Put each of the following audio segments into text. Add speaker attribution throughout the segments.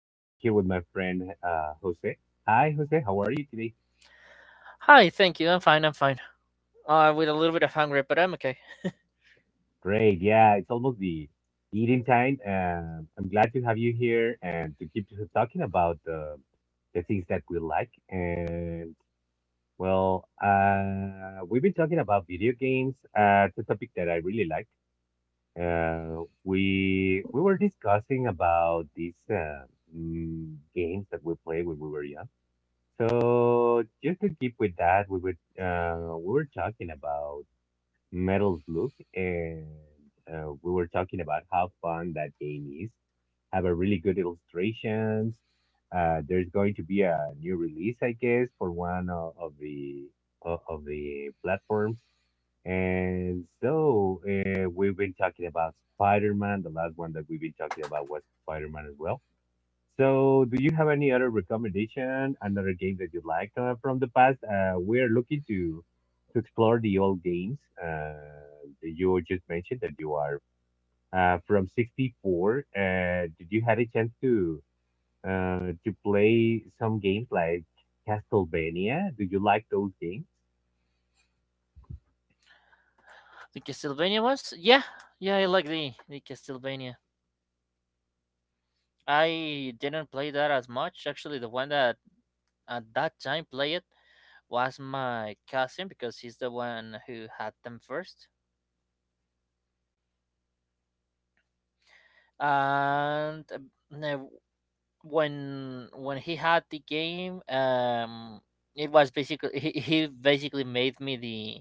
Speaker 1: I'm here with my friend Jose. Hi, Jose. How are you today?
Speaker 2: Hi, thank you. I'm fine. I'm fine. With a little bit of hunger, but I'm okay.
Speaker 1: Great. Yeah, it's almost the eating time. I'm glad to have you here and to keep talking about the things that we like. And well, we've been talking about video games. It's a topic that I really like. We were discussing about these games that we played when we were young. So just to keep with that, we were talking about Metal's Look, and we were talking about how fun that game is. Have a really good illustrations. There's going to be a new release, I guess, for one of the platforms. And so we've been talking about Spider-Man. The last one that we've been talking about was Spider-Man as well. So, do you have any other recommendation, another game that you liked from the past? We're looking to explore the old games that you just mentioned that you are from 64. Did you had a chance to play some games like Castlevania? Do you like those games?
Speaker 2: The Castlevania ones? Yeah, yeah, I like the Castlevania. I didn't play that as much. Actually, the one that at that time played it was my cousin because he's the one who had them first. And now when he had the game, it was basically he basically made me the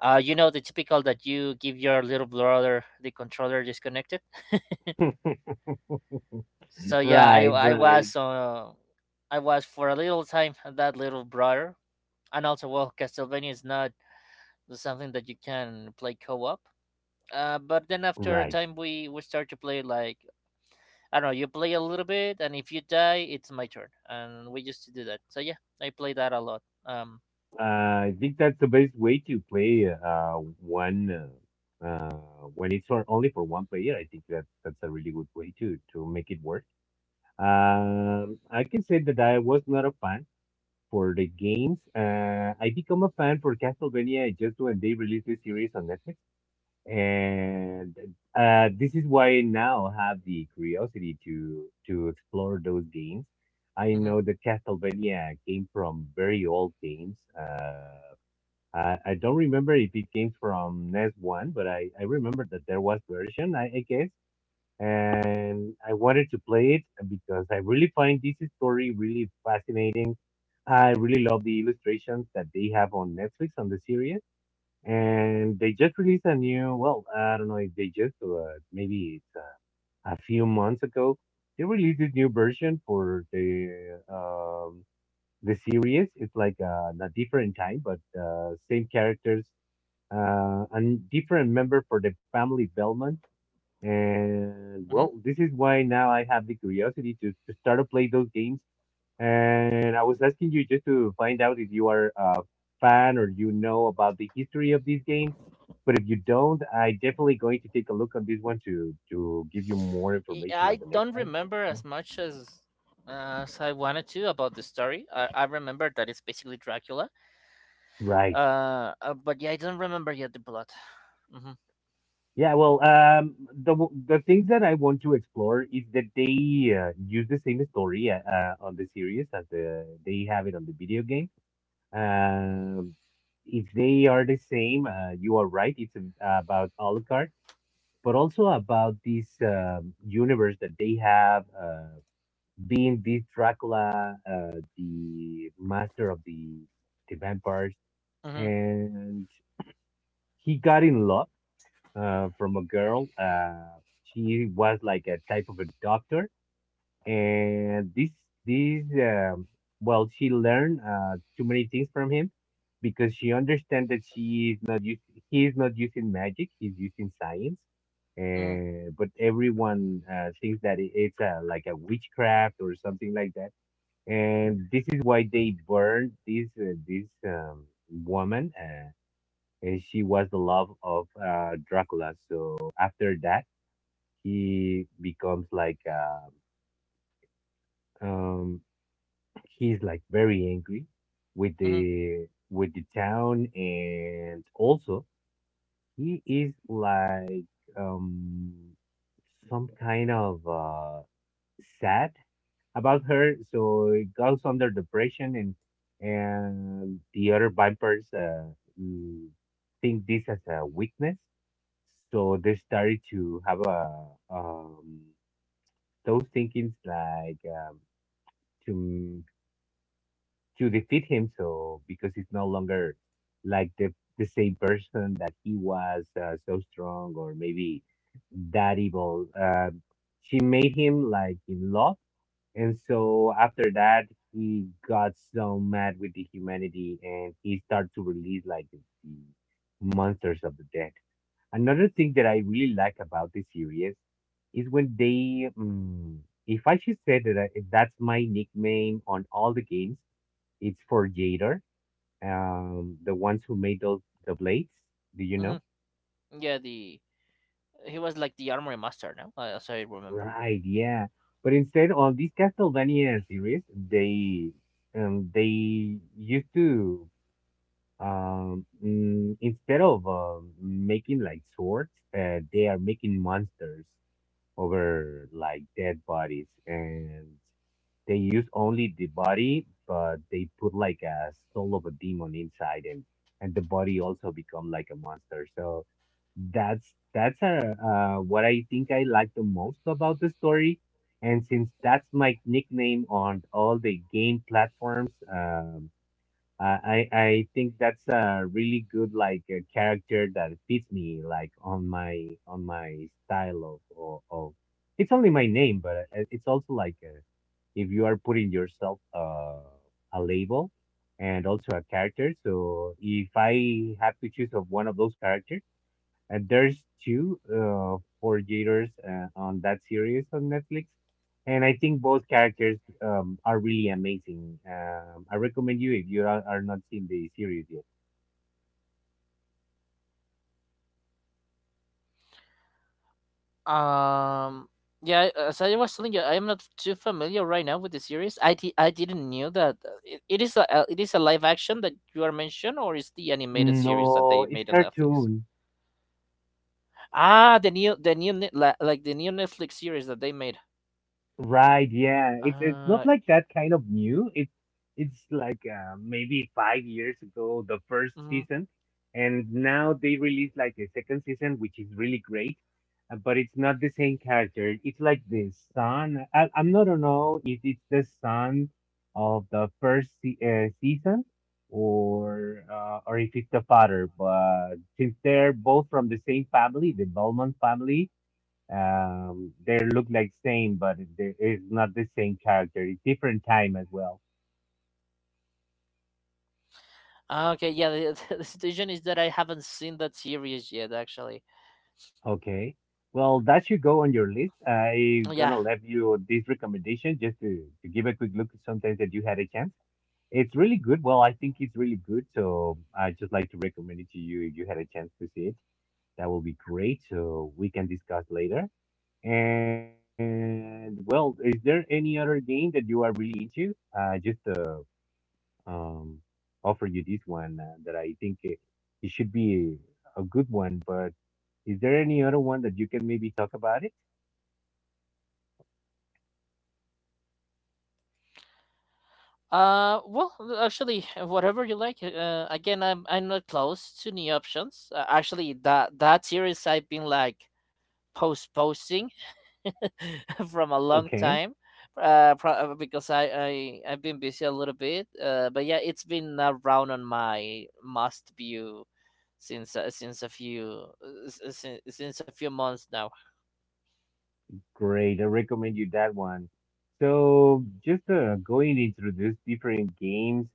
Speaker 2: uh, you know, the typical that you give your little brother the controller disconnected. So yeah, I
Speaker 1: Right,
Speaker 2: I
Speaker 1: right,
Speaker 2: was uh, I was for a little time that little brother, and also well, Castlevania is not something that you can play co-op. But then after a
Speaker 1: right.
Speaker 2: time, we start to play like I don't know, you play a little bit, and if you die, it's my turn, and we used to do that. So yeah, I play that a lot.
Speaker 1: I think that's the best way to play one uh, uh, when it's for only for one player. I think that that's a really good way to make it work. I can say that I was not a fan for the games. I become a fan for Castlevania just when they released the series on Netflix, and this is why I now have the curiosity to explore those games. I
Speaker 2: Mhm,
Speaker 1: know that Castlevania came from very old games. I don't remember if it came from NES One, but I remember that there was version, I guess, and I wanted to play it because I really find this story really fascinating. I really love the illustrations that they have on Netflix on the series, and they just released a new. Well, I don't know if they just, maybe it's a few months ago. They released this new version for the series. It's like a different time, but same characters, a different member for the family Belmont. And
Speaker 2: mhm.
Speaker 1: well, this is why now I have the curiosity to start to play those games. And I was asking you just to find out if you are a fan or you know about the history of these games. But if you don't, I definitely going to take a look on this one to give you more information
Speaker 2: I
Speaker 1: on the next
Speaker 2: don't
Speaker 1: time.
Speaker 2: remember as
Speaker 1: Mhm.
Speaker 2: much as I wanted to about the story. I remember that it's basically Dracula.
Speaker 1: Right.
Speaker 2: But yeah, I don't remember yet the plot. Mhm,
Speaker 1: Yeah, well, the things that I want to explore is that they use the same story on the series as the they have it on the video game. Um, if they are the same, you are right. It's a, about Alucard, but also about this universe that they have, being this Dracula, the master of the vampires,
Speaker 2: mhm,
Speaker 1: and he got in love from a girl. She was like a type of a doctor, and this well, she learned too many things from him because she understands that she is not use, he is not using magic, he's using science.
Speaker 2: mhm,
Speaker 1: But everyone thinks that it's like a witchcraft or something like that, and this is why they burned this woman. And she was the love of Dracula. So after that, he becomes like um, he's like very angry with
Speaker 2: mhm,
Speaker 1: the town, and also he is like um, some kind of sad about her. So it goes under depression, and the other vampires mm, think this as a weakness. So they started to have a those thinkings like to defeat him. So because he's no longer like the same person that he was so strong or maybe that evil. She made him like in love, and so after that he got so mad with the humanity and he started to release like the monsters of the dead. Another thing that I really like about this series is when they, if I should say that I, if that's my nickname on all the games, it's for Jader, the ones who made those the blades. Do you know?
Speaker 2: mhm. Yeah, the he was like the armory master, no? As I remember.
Speaker 1: Right, yeah. But instead, on this Castlevania series, they used to instead of making like swords, they are making monsters over like dead bodies, and they use only the body but they put like a soul of a demon inside, and the body also become like a monster. So what I think I like the most about the story. And since that's my nickname on all the game platforms, I think that's a really good like character that fits me like on my style of, it's only my name, but it's also like if you are putting yourself a label and also a character. So if I have to choose of one of those characters. And there's two forgetters on that series on Netflix, and I think both characters are really amazing. I recommend you if you are not seen the series yet.
Speaker 2: Um, yeah, as I was telling you, I am not too familiar right now with the series. I didn't knew that it is a live action that you are mentioned, or is the animated series that
Speaker 1: No,
Speaker 2: they
Speaker 1: it's
Speaker 2: made on Netflix?
Speaker 1: cartoon.
Speaker 2: Ah, the new Net- la- like the new Netflix series that they made.
Speaker 1: Right, yeah. It's not like that kind of new. It's like maybe 5 years ago the first
Speaker 2: Uh,
Speaker 1: season, and now they released like a second season, which is really great. But it's not the same character. It's like the son. I'm not know if it's the son of the first se season or if it's the father. But since they're both from the same family, the Belmont family, they look like same, but it is not the same character. It's different time as well.
Speaker 2: Ah, okay, yeah. The situation is that I haven't seen that series yet, actually.
Speaker 1: Okay. Well, that should go on your list. I
Speaker 2: Yeah.
Speaker 1: gonna leave you this recommendation just to give a quick look sometimes that you had a chance. It's really good. Well, I think it's really good. So I just like to recommend it to you if you had a chance to see it. That will be great. So we can discuss later. And well, is there any other game that you are really into? Just um, offer you this one that I think it should be a good one. But is there any other one that you can maybe talk about it?
Speaker 2: Well, actually, whatever you like. Again, I'm not close to any options. Actually, that series I've been like postposing from a long
Speaker 1: Okay,
Speaker 2: time. Because I've been busy a little bit. But yeah, it's been around on my must view since a few s- s- since a few months now.
Speaker 1: great. I recommend you that one. So just going into these different games,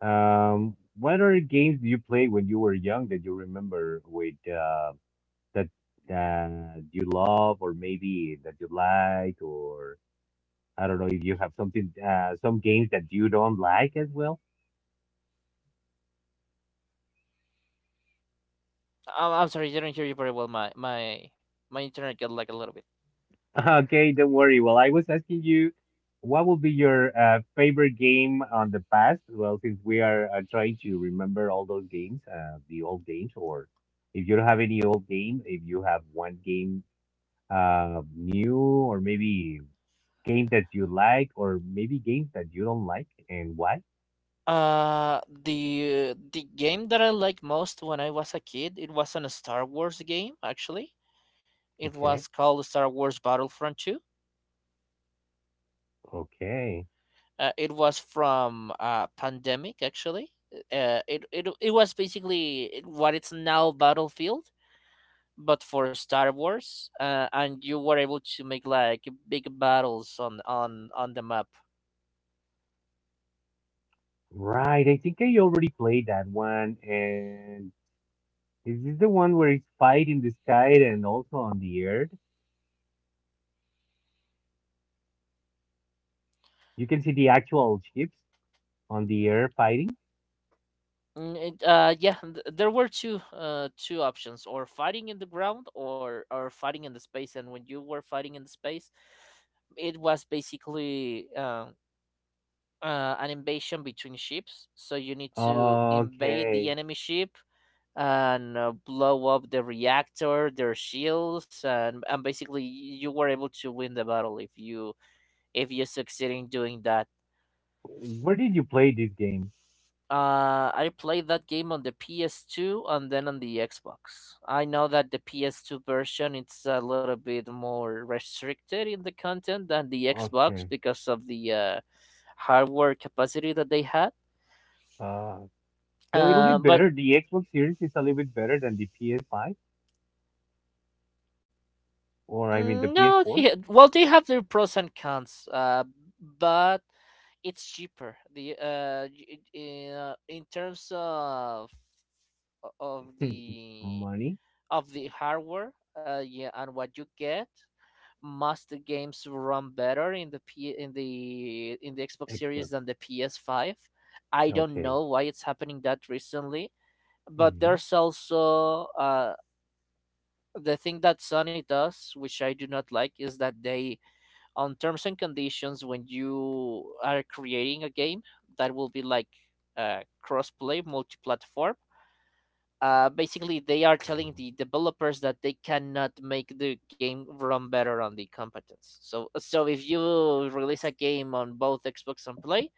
Speaker 1: what other games do you play when you were young that you remember with that that you love or maybe that you like or I don't know if you have something some games that you don't like as well.
Speaker 2: I'm sorry, I didn't hear you very well. My internet got like a little bit.
Speaker 1: Okay, don't worry. Well, I was asking you what would be your favorite game on the past? Well, since we are trying to remember all those games, the old games, or if you don't have any old game, if you have one game new, or maybe games that you like, or maybe games that you don't like, and why?
Speaker 2: The game that I liked most when I was a kid, it was a Star Wars game actually. It
Speaker 1: Okay.
Speaker 2: was called Star Wars Battlefront 2.
Speaker 1: Okay.
Speaker 2: It was from Pandemic actually. It was basically what it's now Battlefield, but for Star Wars. And you were able to make like big battles on the map.
Speaker 1: Right. I think I already played that one. And is this the one where it's fight in the sky and also on the air? You can see the actual ships on the air fighting.
Speaker 2: Yeah, there were two options, or fighting in the ground, or fighting in the space. And when you were fighting in the space, it was basically an invasion between ships. So you need to invade the
Speaker 1: Okay.
Speaker 2: enemy ship and blow up the reactor, their shields, and basically you were able to win the battle if you succeed in doing that.
Speaker 1: Where did you play this game?
Speaker 2: I played that game on the PS2 and then on the Xbox. I know that the PS2 version it's a little bit more restricted in the content than the Xbox
Speaker 1: Okay.
Speaker 2: because of the hardware capacity that they had.
Speaker 1: Uh, so it'll be
Speaker 2: But
Speaker 1: better. The Xbox Series is a little bit better than the PS5, or I mean the
Speaker 2: no,
Speaker 1: PS4.
Speaker 2: well, they have their pros and cons. But it's cheaper. In terms of of the
Speaker 1: Money,
Speaker 2: the hardware, yeah, and what you get must the games run better in the Xbox Series
Speaker 1: Xbox.
Speaker 2: than the PS5. I don't
Speaker 1: Okay.
Speaker 2: know why it's happening that recently, but
Speaker 1: hmm
Speaker 2: there's also the thing that Sony does, which I do not like, is that they on terms and conditions when you are creating a game that will be like cross-play, multi-platform, basically they are telling
Speaker 1: Oh,
Speaker 2: the developers that they cannot make the game run better on the competence. So if you release a game on both Xbox and Play,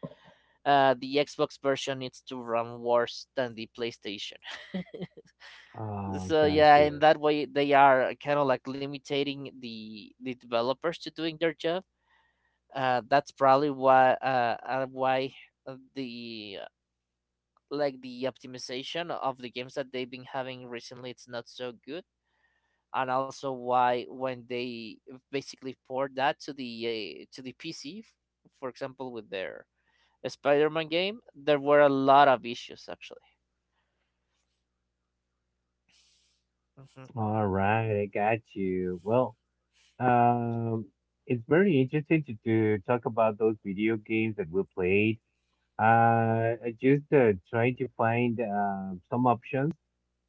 Speaker 2: the Xbox version needs to run worse than the PlayStation.
Speaker 1: oh,
Speaker 2: So
Speaker 1: got
Speaker 2: yeah, in
Speaker 1: you.
Speaker 2: that way they are kind of like limiting the developers to doing their job. That's probably why, why the like, the optimization of the games that they've been having recently it's not so good, and also why when they basically port that to the PC, for example, with their Spider-Man game, there were a lot of issues actually. hmm
Speaker 1: All right, I got you. Well, um, it's very interesting to talk about those video games that we played. I just try to find some options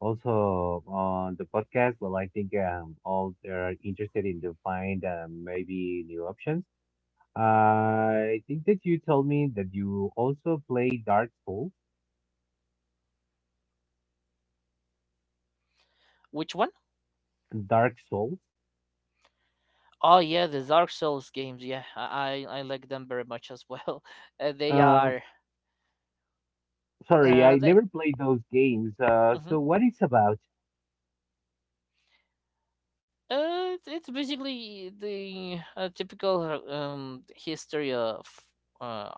Speaker 1: also on the podcast. Well, I think all they are interested in to find maybe new options. I think that you told me that you also play Dark Souls.
Speaker 2: Which one?
Speaker 1: Dark Souls.
Speaker 2: Oh yeah, the Dark Souls games. Yeah, I like them very much as well. Uh, they
Speaker 1: Uh,
Speaker 2: are
Speaker 1: sorry,
Speaker 2: uh
Speaker 1: I
Speaker 2: they,
Speaker 1: never played those games.
Speaker 2: mhm.
Speaker 1: So what it's about?
Speaker 2: It's basically the typical history of uh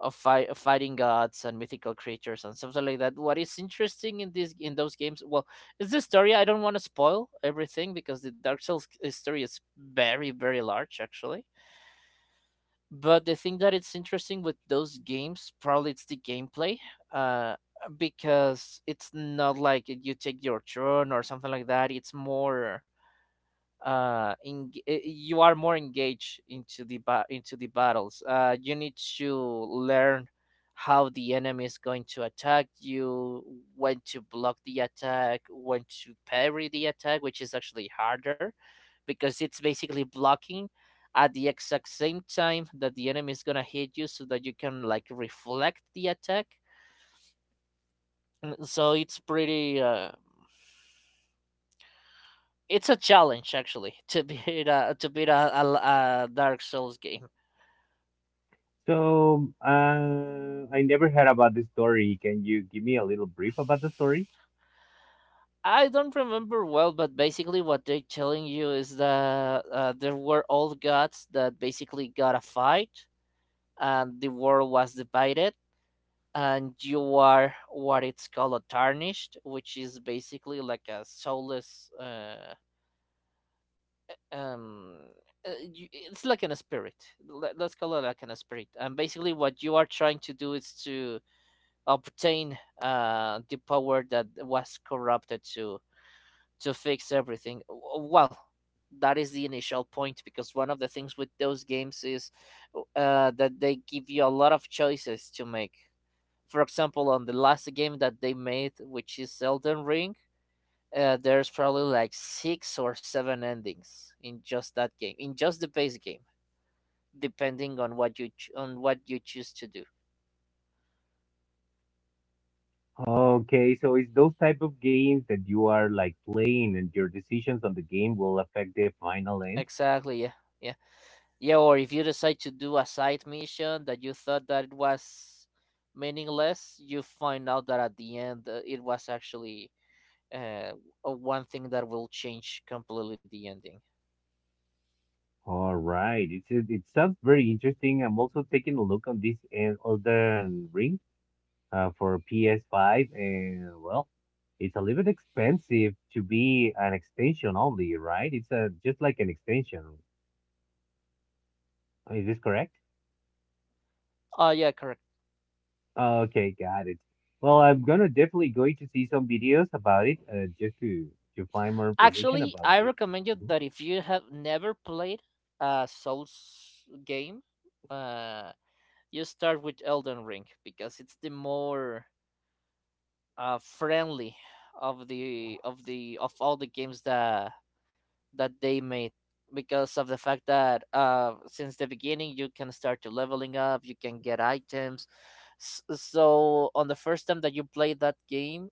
Speaker 2: fighting gods and mythical creatures and something like that. What is interesting in those games, well, is the story. I don't want to spoil everything because the Dark Souls story is very very large actually. But the thing that it's interesting with those games, probably it's the gameplay, uh, because it's not like you take your turn or something like that. It's more you are more engaged into the battles. You need to learn how the enemy is going to attack you, when to block the attack, when to parry the attack, which is actually harder because it's basically blocking at the exact same time that the enemy is going to hit you, so that you can like reflect the attack. And so it's a challenge actually to beat a Dark Souls game.
Speaker 1: So I never heard about the story. Can you give me a little brief about the story?
Speaker 2: I don't remember well, but basically what they're telling you is that there were old gods that basically got a fight, and the world was divided, and you are what it's called a tarnished, which is basically like a soulless. Um, it's like an spirit. Let's call it like an spirit. And basically, what you are trying to do is to obtain the power that was corrupted to fix everything. Well, that is the initial point because one of the things with those games is that they give you a lot of choices to make. For example, on the last game that they made, which is Elden Ring, there's probably like six or seven endings in just that game, in just the base game, depending on what you choose to do.
Speaker 1: Okay, so it's those type of games that you are like playing and your decisions on the game will affect the final end.
Speaker 2: Exactly. Yeah. Yeah. Yeah, or if you decide to do a side mission that you thought that it was meaningless, you find out that at the end it was actually uh, one thing that will change completely the ending.
Speaker 1: All right, it's it sounds very interesting. I'm also taking a look on this Elden Ring for PS5 and well, it's a little bit expensive to be an extension only, right? It's a just like an extension. Is this correct?
Speaker 2: Oh yeah, correct.
Speaker 1: Okay, got it. Well, I'm gonna definitely going to see some videos about it, just to find more information
Speaker 2: Actually,
Speaker 1: about
Speaker 2: I
Speaker 1: this.
Speaker 2: recommend you that if you have never played a Souls game, uh, you start with Elden Ring because it's the more friendly of the of the of all the games that they made because of the fact that since the beginning you can start to leveling up, you can get items. So on the first time that you play that game,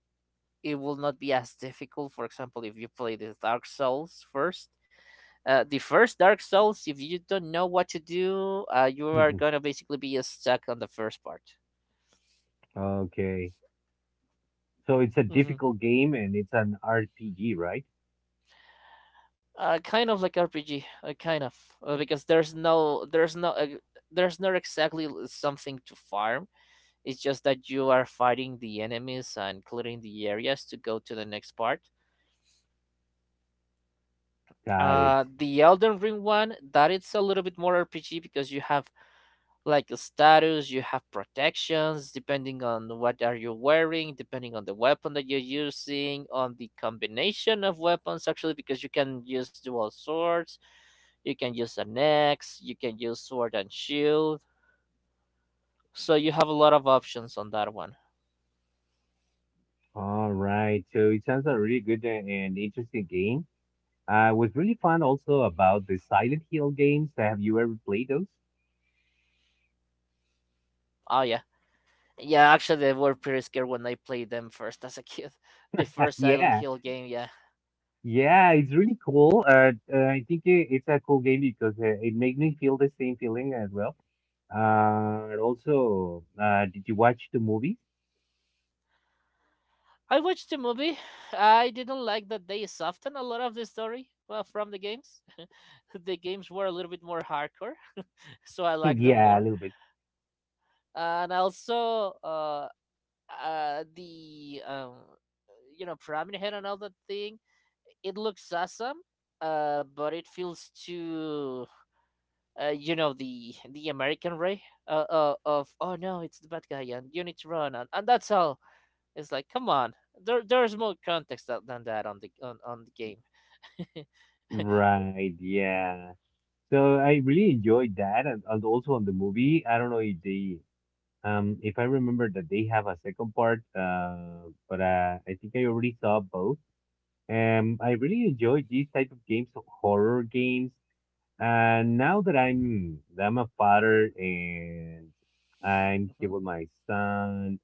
Speaker 2: it will not be as difficult. For example, if you play the Dark Souls first. The first Dark Souls, if you don't know what to do, you are
Speaker 1: Mhm.
Speaker 2: gonna basically be stuck on the first part.
Speaker 1: Okay. So it's a
Speaker 2: hmm
Speaker 1: difficult game and it's an RPG, right?
Speaker 2: kind of like RPG, kind of, because there's not exactly something to farm. It's just that you are fighting the enemies and clearing the areas to go to the next part.
Speaker 1: Got it.
Speaker 2: The Elden Ring one, that it's a little bit more RPG because you have like a status, you have protections depending on what are you wearing, depending on the weapon that you're using, on the combination of weapons actually because you can use dual swords, you can use an axe, you can use sword and shield. So you have a lot of options on that one.
Speaker 1: All right. So it sounds a really good and interesting game. I was really fun also about the Silent Hill games. Have you ever played those?
Speaker 2: Oh yeah, yeah, actually, they were pretty scared when I played them first as a kid. The first Silent
Speaker 1: Yeah.
Speaker 2: Hill game, yeah.
Speaker 1: Yeah, it's really cool. I think it's a cool game because it made me feel the same feeling as well. And also, did you watch the movie?
Speaker 2: I watched the movie. I didn't like that they softened a lot of the story well, from the games. The games were a little bit more hardcore, so I liked them
Speaker 1: Yeah, a
Speaker 2: more.
Speaker 1: little bit.
Speaker 2: And also, the Pyramid Head and all that thing. It looks awesome, but it feels too, the American way, of oh no, it's the bad guy and you need to run, and that's all. It's like come on, there's more context than that on the game.
Speaker 1: Right, yeah. So I really enjoyed that, and also on the movie. I don't know if I remember that they have a second part, but I think I already saw both. I really enjoyed these type of games, horror games. And now that I'm a father and I'm here
Speaker 2: hmm
Speaker 1: with my son,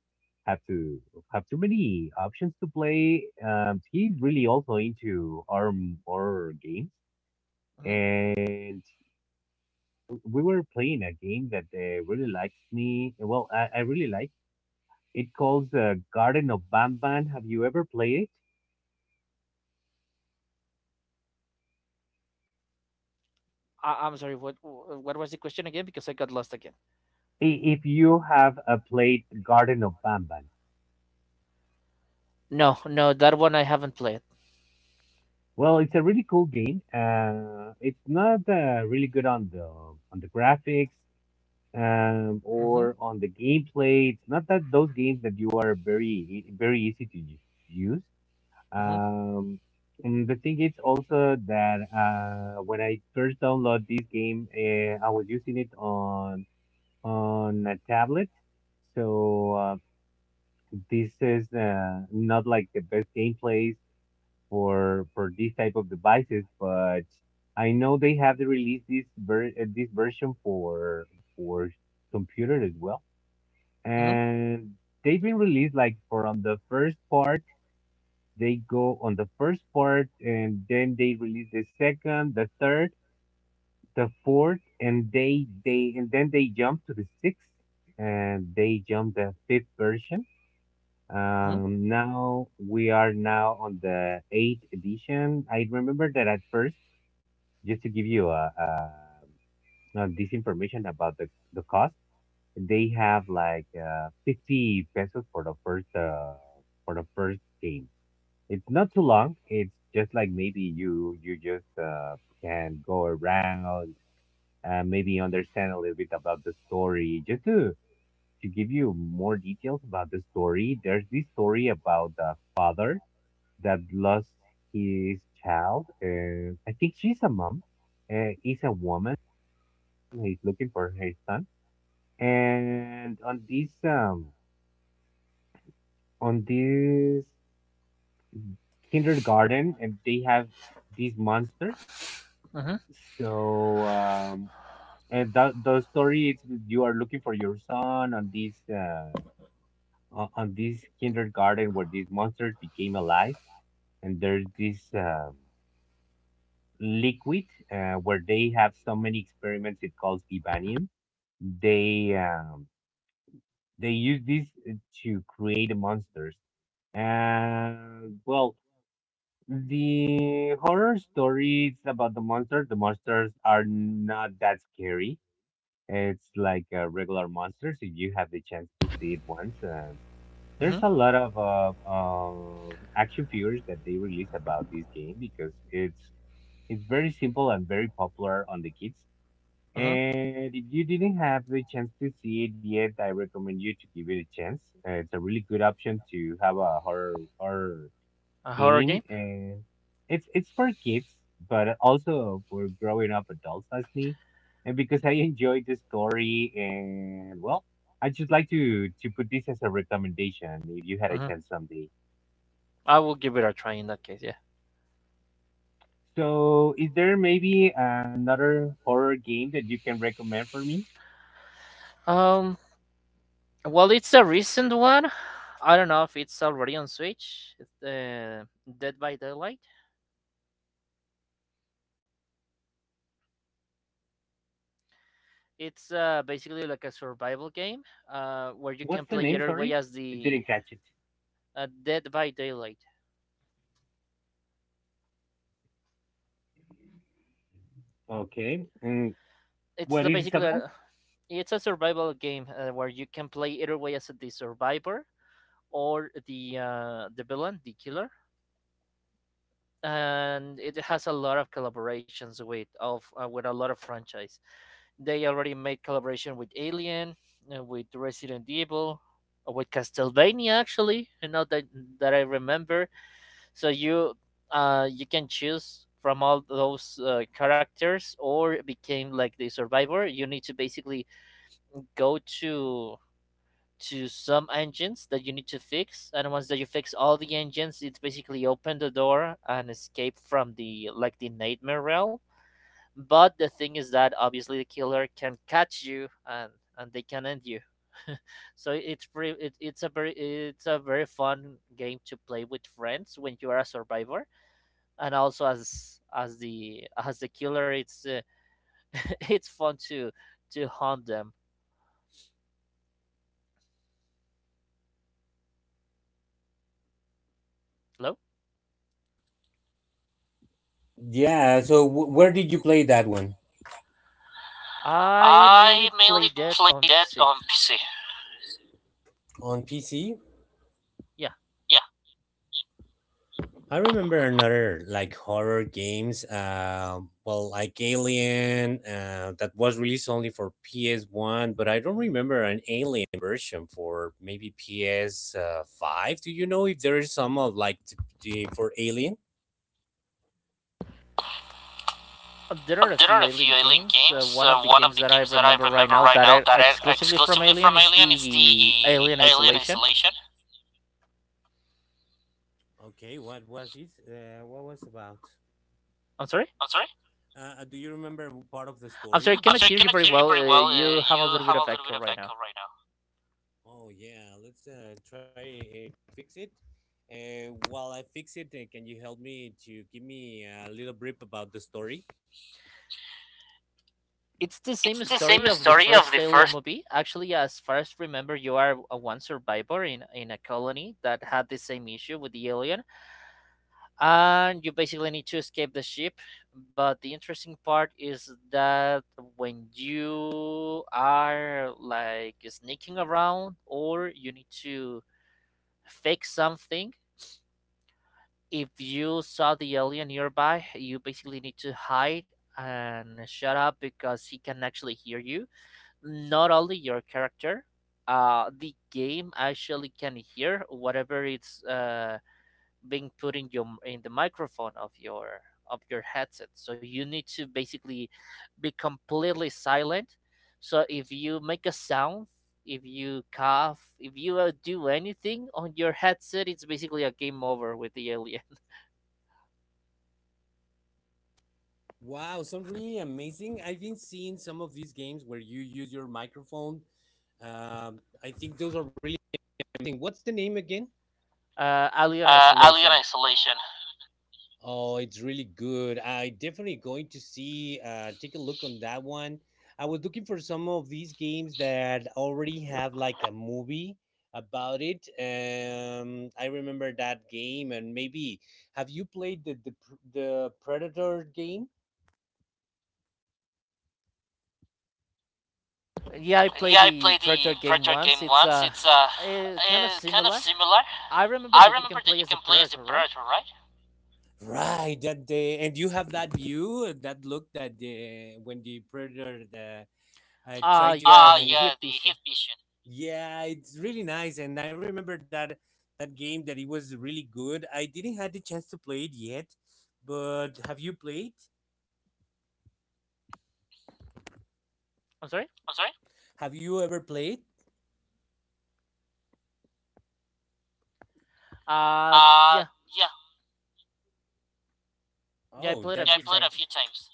Speaker 1: have to have too many options to play. He's really also into our horror games
Speaker 2: hmm
Speaker 1: and we were playing a game that, really likes me. Well, I really like. It calls, Garden of Bamban. Have you ever played it?
Speaker 2: I'm sorry, what was the question again? Because I got lost again.
Speaker 1: If you have played Garden of Bamban,
Speaker 2: No, no, that one I haven't played.
Speaker 1: well, it's a really cool game. It's not really good on the graphics,
Speaker 2: Mm-hmm.
Speaker 1: or on the gameplay. It's not that those games that you are very very easy to use.
Speaker 2: Hmm.
Speaker 1: Um, and the thing is also that, when I first download this game, I was using it on a tablet. So, this is, not like the best gameplays for these type of devices, but I know they have to release this this version for for computer as well,
Speaker 2: Hmm.
Speaker 1: and they've been released like from the first part they go on the first part and then they release the second, the third, the fourth, and they and then they jump to the sixth and they jump the fifth version.
Speaker 2: Hmm.
Speaker 1: Now we are now on the eighth edition. I remember that at first, just to give you this information about the cost, they have like, 50 pesos for the first game. It's not too long. It's just like maybe you just, can go around, maybe understand a little bit about the story. Just to give you more details about the story, there's this story about the father that lost his child. I think she's a mom. Is a woman. He's looking for her son, and on this kindergarten, and they have these monsters.
Speaker 2: Hmm.
Speaker 1: So, and that the story is you are looking for your son on this, on this kindergarten where these monsters became alive, and there's this, liquid, where they have so many experiments. It calls Ibanium. They um, they use this to create the monsters. And well, the horror story is about the monsters. The monsters are not that scary. It's like, regular monsters if you have the chance to see it once. There's a lot of, action figures that they release about this game because it's very simple and very popular on the kids.
Speaker 2: Hmm.
Speaker 1: And if you didn't have the chance to see it yet, I recommend you to give it a chance. It's a really good option to have a horror
Speaker 2: A horror
Speaker 1: game,
Speaker 2: game?
Speaker 1: and it's for kids but also for growing up adults as me, and because I enjoyed the story. And well, I just like to put this as a recommendation if you had a
Speaker 2: Hmm.
Speaker 1: chance someday.
Speaker 2: I will give it a try in that case. Yeah.
Speaker 1: So is there maybe another horror game that you can recommend for me?
Speaker 2: Um, well, it's a recent one. I don't know if it's already on Switch. It's Dead by Daylight. It's basically like a survival game where you
Speaker 1: What's
Speaker 2: can
Speaker 1: the
Speaker 2: play
Speaker 1: name?
Speaker 2: either way
Speaker 1: Sorry,
Speaker 2: as
Speaker 1: I
Speaker 2: the
Speaker 1: didn't catch it.
Speaker 2: uh, Dead by Daylight.
Speaker 1: Okay. And
Speaker 2: It's
Speaker 1: what
Speaker 2: the-
Speaker 1: it is
Speaker 2: basically
Speaker 1: about?
Speaker 2: a, it's a survival game where you can play either way as the survivor or the villain, the killer, and it has a lot of collaborations with a lot of franchise. They already made collaboration with Alien, with Resident Evil, with Castlevania actually. You know that that I remember. So you you can choose from all those characters or became like the survivor. You need to basically go to some engines that you need to fix, and once that you fix all the engines, it's basically open the door and escape from the like the nightmare realm. But the thing is that obviously the killer can catch you, and they can end you. So it's pretty it's a very it's a very fun game to play with friends when you are a survivor, and also as the killer it's it's fun to hunt them. Hello. I mainly
Speaker 1: I mainly
Speaker 2: played that
Speaker 1: play
Speaker 2: on
Speaker 1: that
Speaker 2: PC.
Speaker 1: on PC.
Speaker 2: Yeah.
Speaker 1: Yeah,
Speaker 2: There are a
Speaker 1: there
Speaker 2: few
Speaker 1: are a
Speaker 2: Alien
Speaker 1: few Alien
Speaker 2: games.
Speaker 1: games.
Speaker 2: One of the
Speaker 1: One
Speaker 2: games
Speaker 1: of the
Speaker 2: that I
Speaker 1: games that I
Speaker 2: remember right
Speaker 1: remember
Speaker 2: now
Speaker 1: right
Speaker 2: that
Speaker 1: now
Speaker 2: are
Speaker 1: that are
Speaker 2: exclusively from
Speaker 1: exclusively
Speaker 2: Alien
Speaker 1: from
Speaker 2: is
Speaker 1: Alien is
Speaker 2: the
Speaker 1: the
Speaker 2: Alien
Speaker 1: Alien
Speaker 2: Isolation.
Speaker 1: Isolation.
Speaker 2: I'm sorry.
Speaker 1: I'm sorry. I'm
Speaker 2: I'm sorry. I cannot
Speaker 1: sorry, I
Speaker 2: hear you
Speaker 1: cannot
Speaker 2: very
Speaker 1: hear you
Speaker 2: well.
Speaker 1: very well.
Speaker 2: You have a
Speaker 1: You
Speaker 2: little bit
Speaker 1: have
Speaker 2: of
Speaker 1: a little
Speaker 2: echo
Speaker 1: bit of
Speaker 2: right now.
Speaker 1: echo right now.
Speaker 2: It's the
Speaker 1: It's
Speaker 2: same
Speaker 1: the same
Speaker 2: story of the
Speaker 1: story of
Speaker 2: first
Speaker 1: the
Speaker 2: Alien
Speaker 1: first,
Speaker 2: movie. Actually, as far as remember, you are a one survivor in a colony that had the same issue with the alien, and you basically need to escape the ship. But the interesting part is that when you are like sneaking around, or you need to fix something, if you saw the alien nearby, you basically need to hide and shut up, because he can actually hear you, not only your character. The game actually can hear whatever it's being put in your in the microphone of your headset, so you need to basically be completely silent. So if you make a sound, if you cough, if you do anything on your headset, it's basically a game over with the alien. Alien
Speaker 1: Alien
Speaker 2: Isolation.
Speaker 1: Isolation.
Speaker 2: Yeah, I
Speaker 1: Yeah, I
Speaker 2: played
Speaker 1: played
Speaker 2: the
Speaker 1: the
Speaker 2: Predator
Speaker 1: Predator
Speaker 2: game
Speaker 1: game
Speaker 2: once.
Speaker 1: once.
Speaker 2: It's
Speaker 1: It's,
Speaker 2: kind of
Speaker 1: kind of
Speaker 2: similar.
Speaker 1: similar.
Speaker 2: I
Speaker 1: I
Speaker 2: remember
Speaker 1: remember
Speaker 2: that you
Speaker 1: that you
Speaker 2: can
Speaker 1: can
Speaker 2: play
Speaker 1: play
Speaker 2: as a
Speaker 1: as the
Speaker 2: predator,
Speaker 1: Predator,
Speaker 2: right?
Speaker 1: right?
Speaker 2: Uh,
Speaker 1: Yeah,
Speaker 2: yeah,
Speaker 1: the
Speaker 2: the
Speaker 1: Heat
Speaker 2: heat
Speaker 1: Vision.
Speaker 2: vision. I'm
Speaker 1: I'm sorry.
Speaker 2: sorry.
Speaker 1: Uh,
Speaker 2: Uh, yeah.
Speaker 1: yeah, yeah,
Speaker 2: Yeah, I
Speaker 1: I played
Speaker 2: played a
Speaker 1: a
Speaker 2: few
Speaker 1: few
Speaker 2: times.
Speaker 1: times.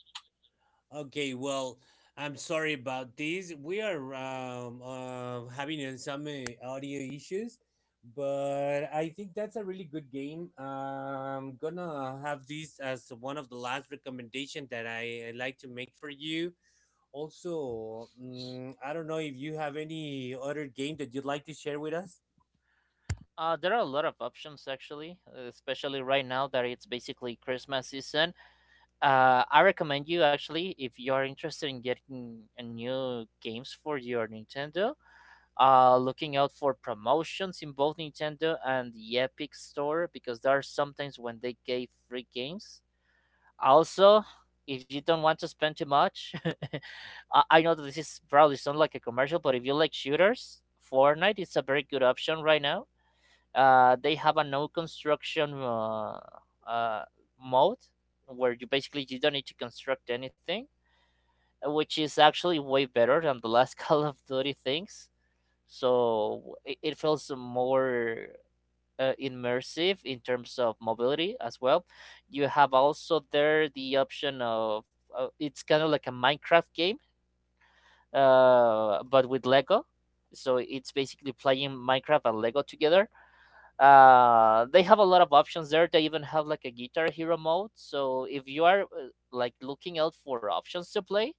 Speaker 2: There are a lot of options actually, especially right now that it's basically Christmas season. I recommend you actually if you are interested in getting new games for your Nintendo. Looking out for promotions in both Nintendo and the Epic Store because there are sometimes when they gave free games. Also, if you don't want to spend too much, I know that this is probably sound like a commercial, but if you like shooters, Fortnite is a very good option right now. They have a no construction uh, mode where you basically you don't need to construct anything, which is actually way better than the last Call of Duty things. So it feels more immersive in terms of mobility as well. You have also there the option of it's kind of like a Minecraft game, but with Lego. So it's basically playing Minecraft and Lego together. They have a lot of options there, they even have like a guitar hero mode. So if you are like looking out for options to play,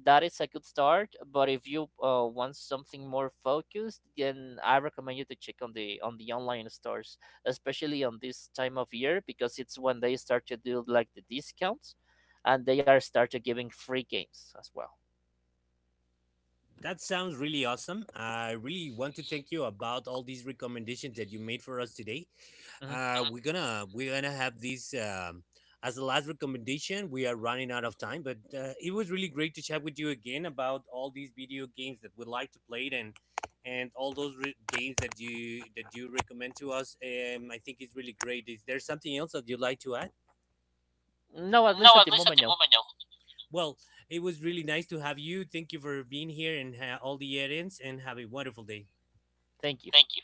Speaker 2: that is a good start. But if you want something more focused, then I recommend you to check on the online stores, especially on this time of year because it's when they start to do like the discounts, and they are start to giving free games as well. Mhm.
Speaker 1: Mhm.
Speaker 2: No, at least
Speaker 1: No,
Speaker 2: at
Speaker 1: at
Speaker 2: the
Speaker 1: least at
Speaker 2: moment,
Speaker 1: the
Speaker 2: no.
Speaker 1: moment, no.
Speaker 2: Thank you.
Speaker 1: Thank you.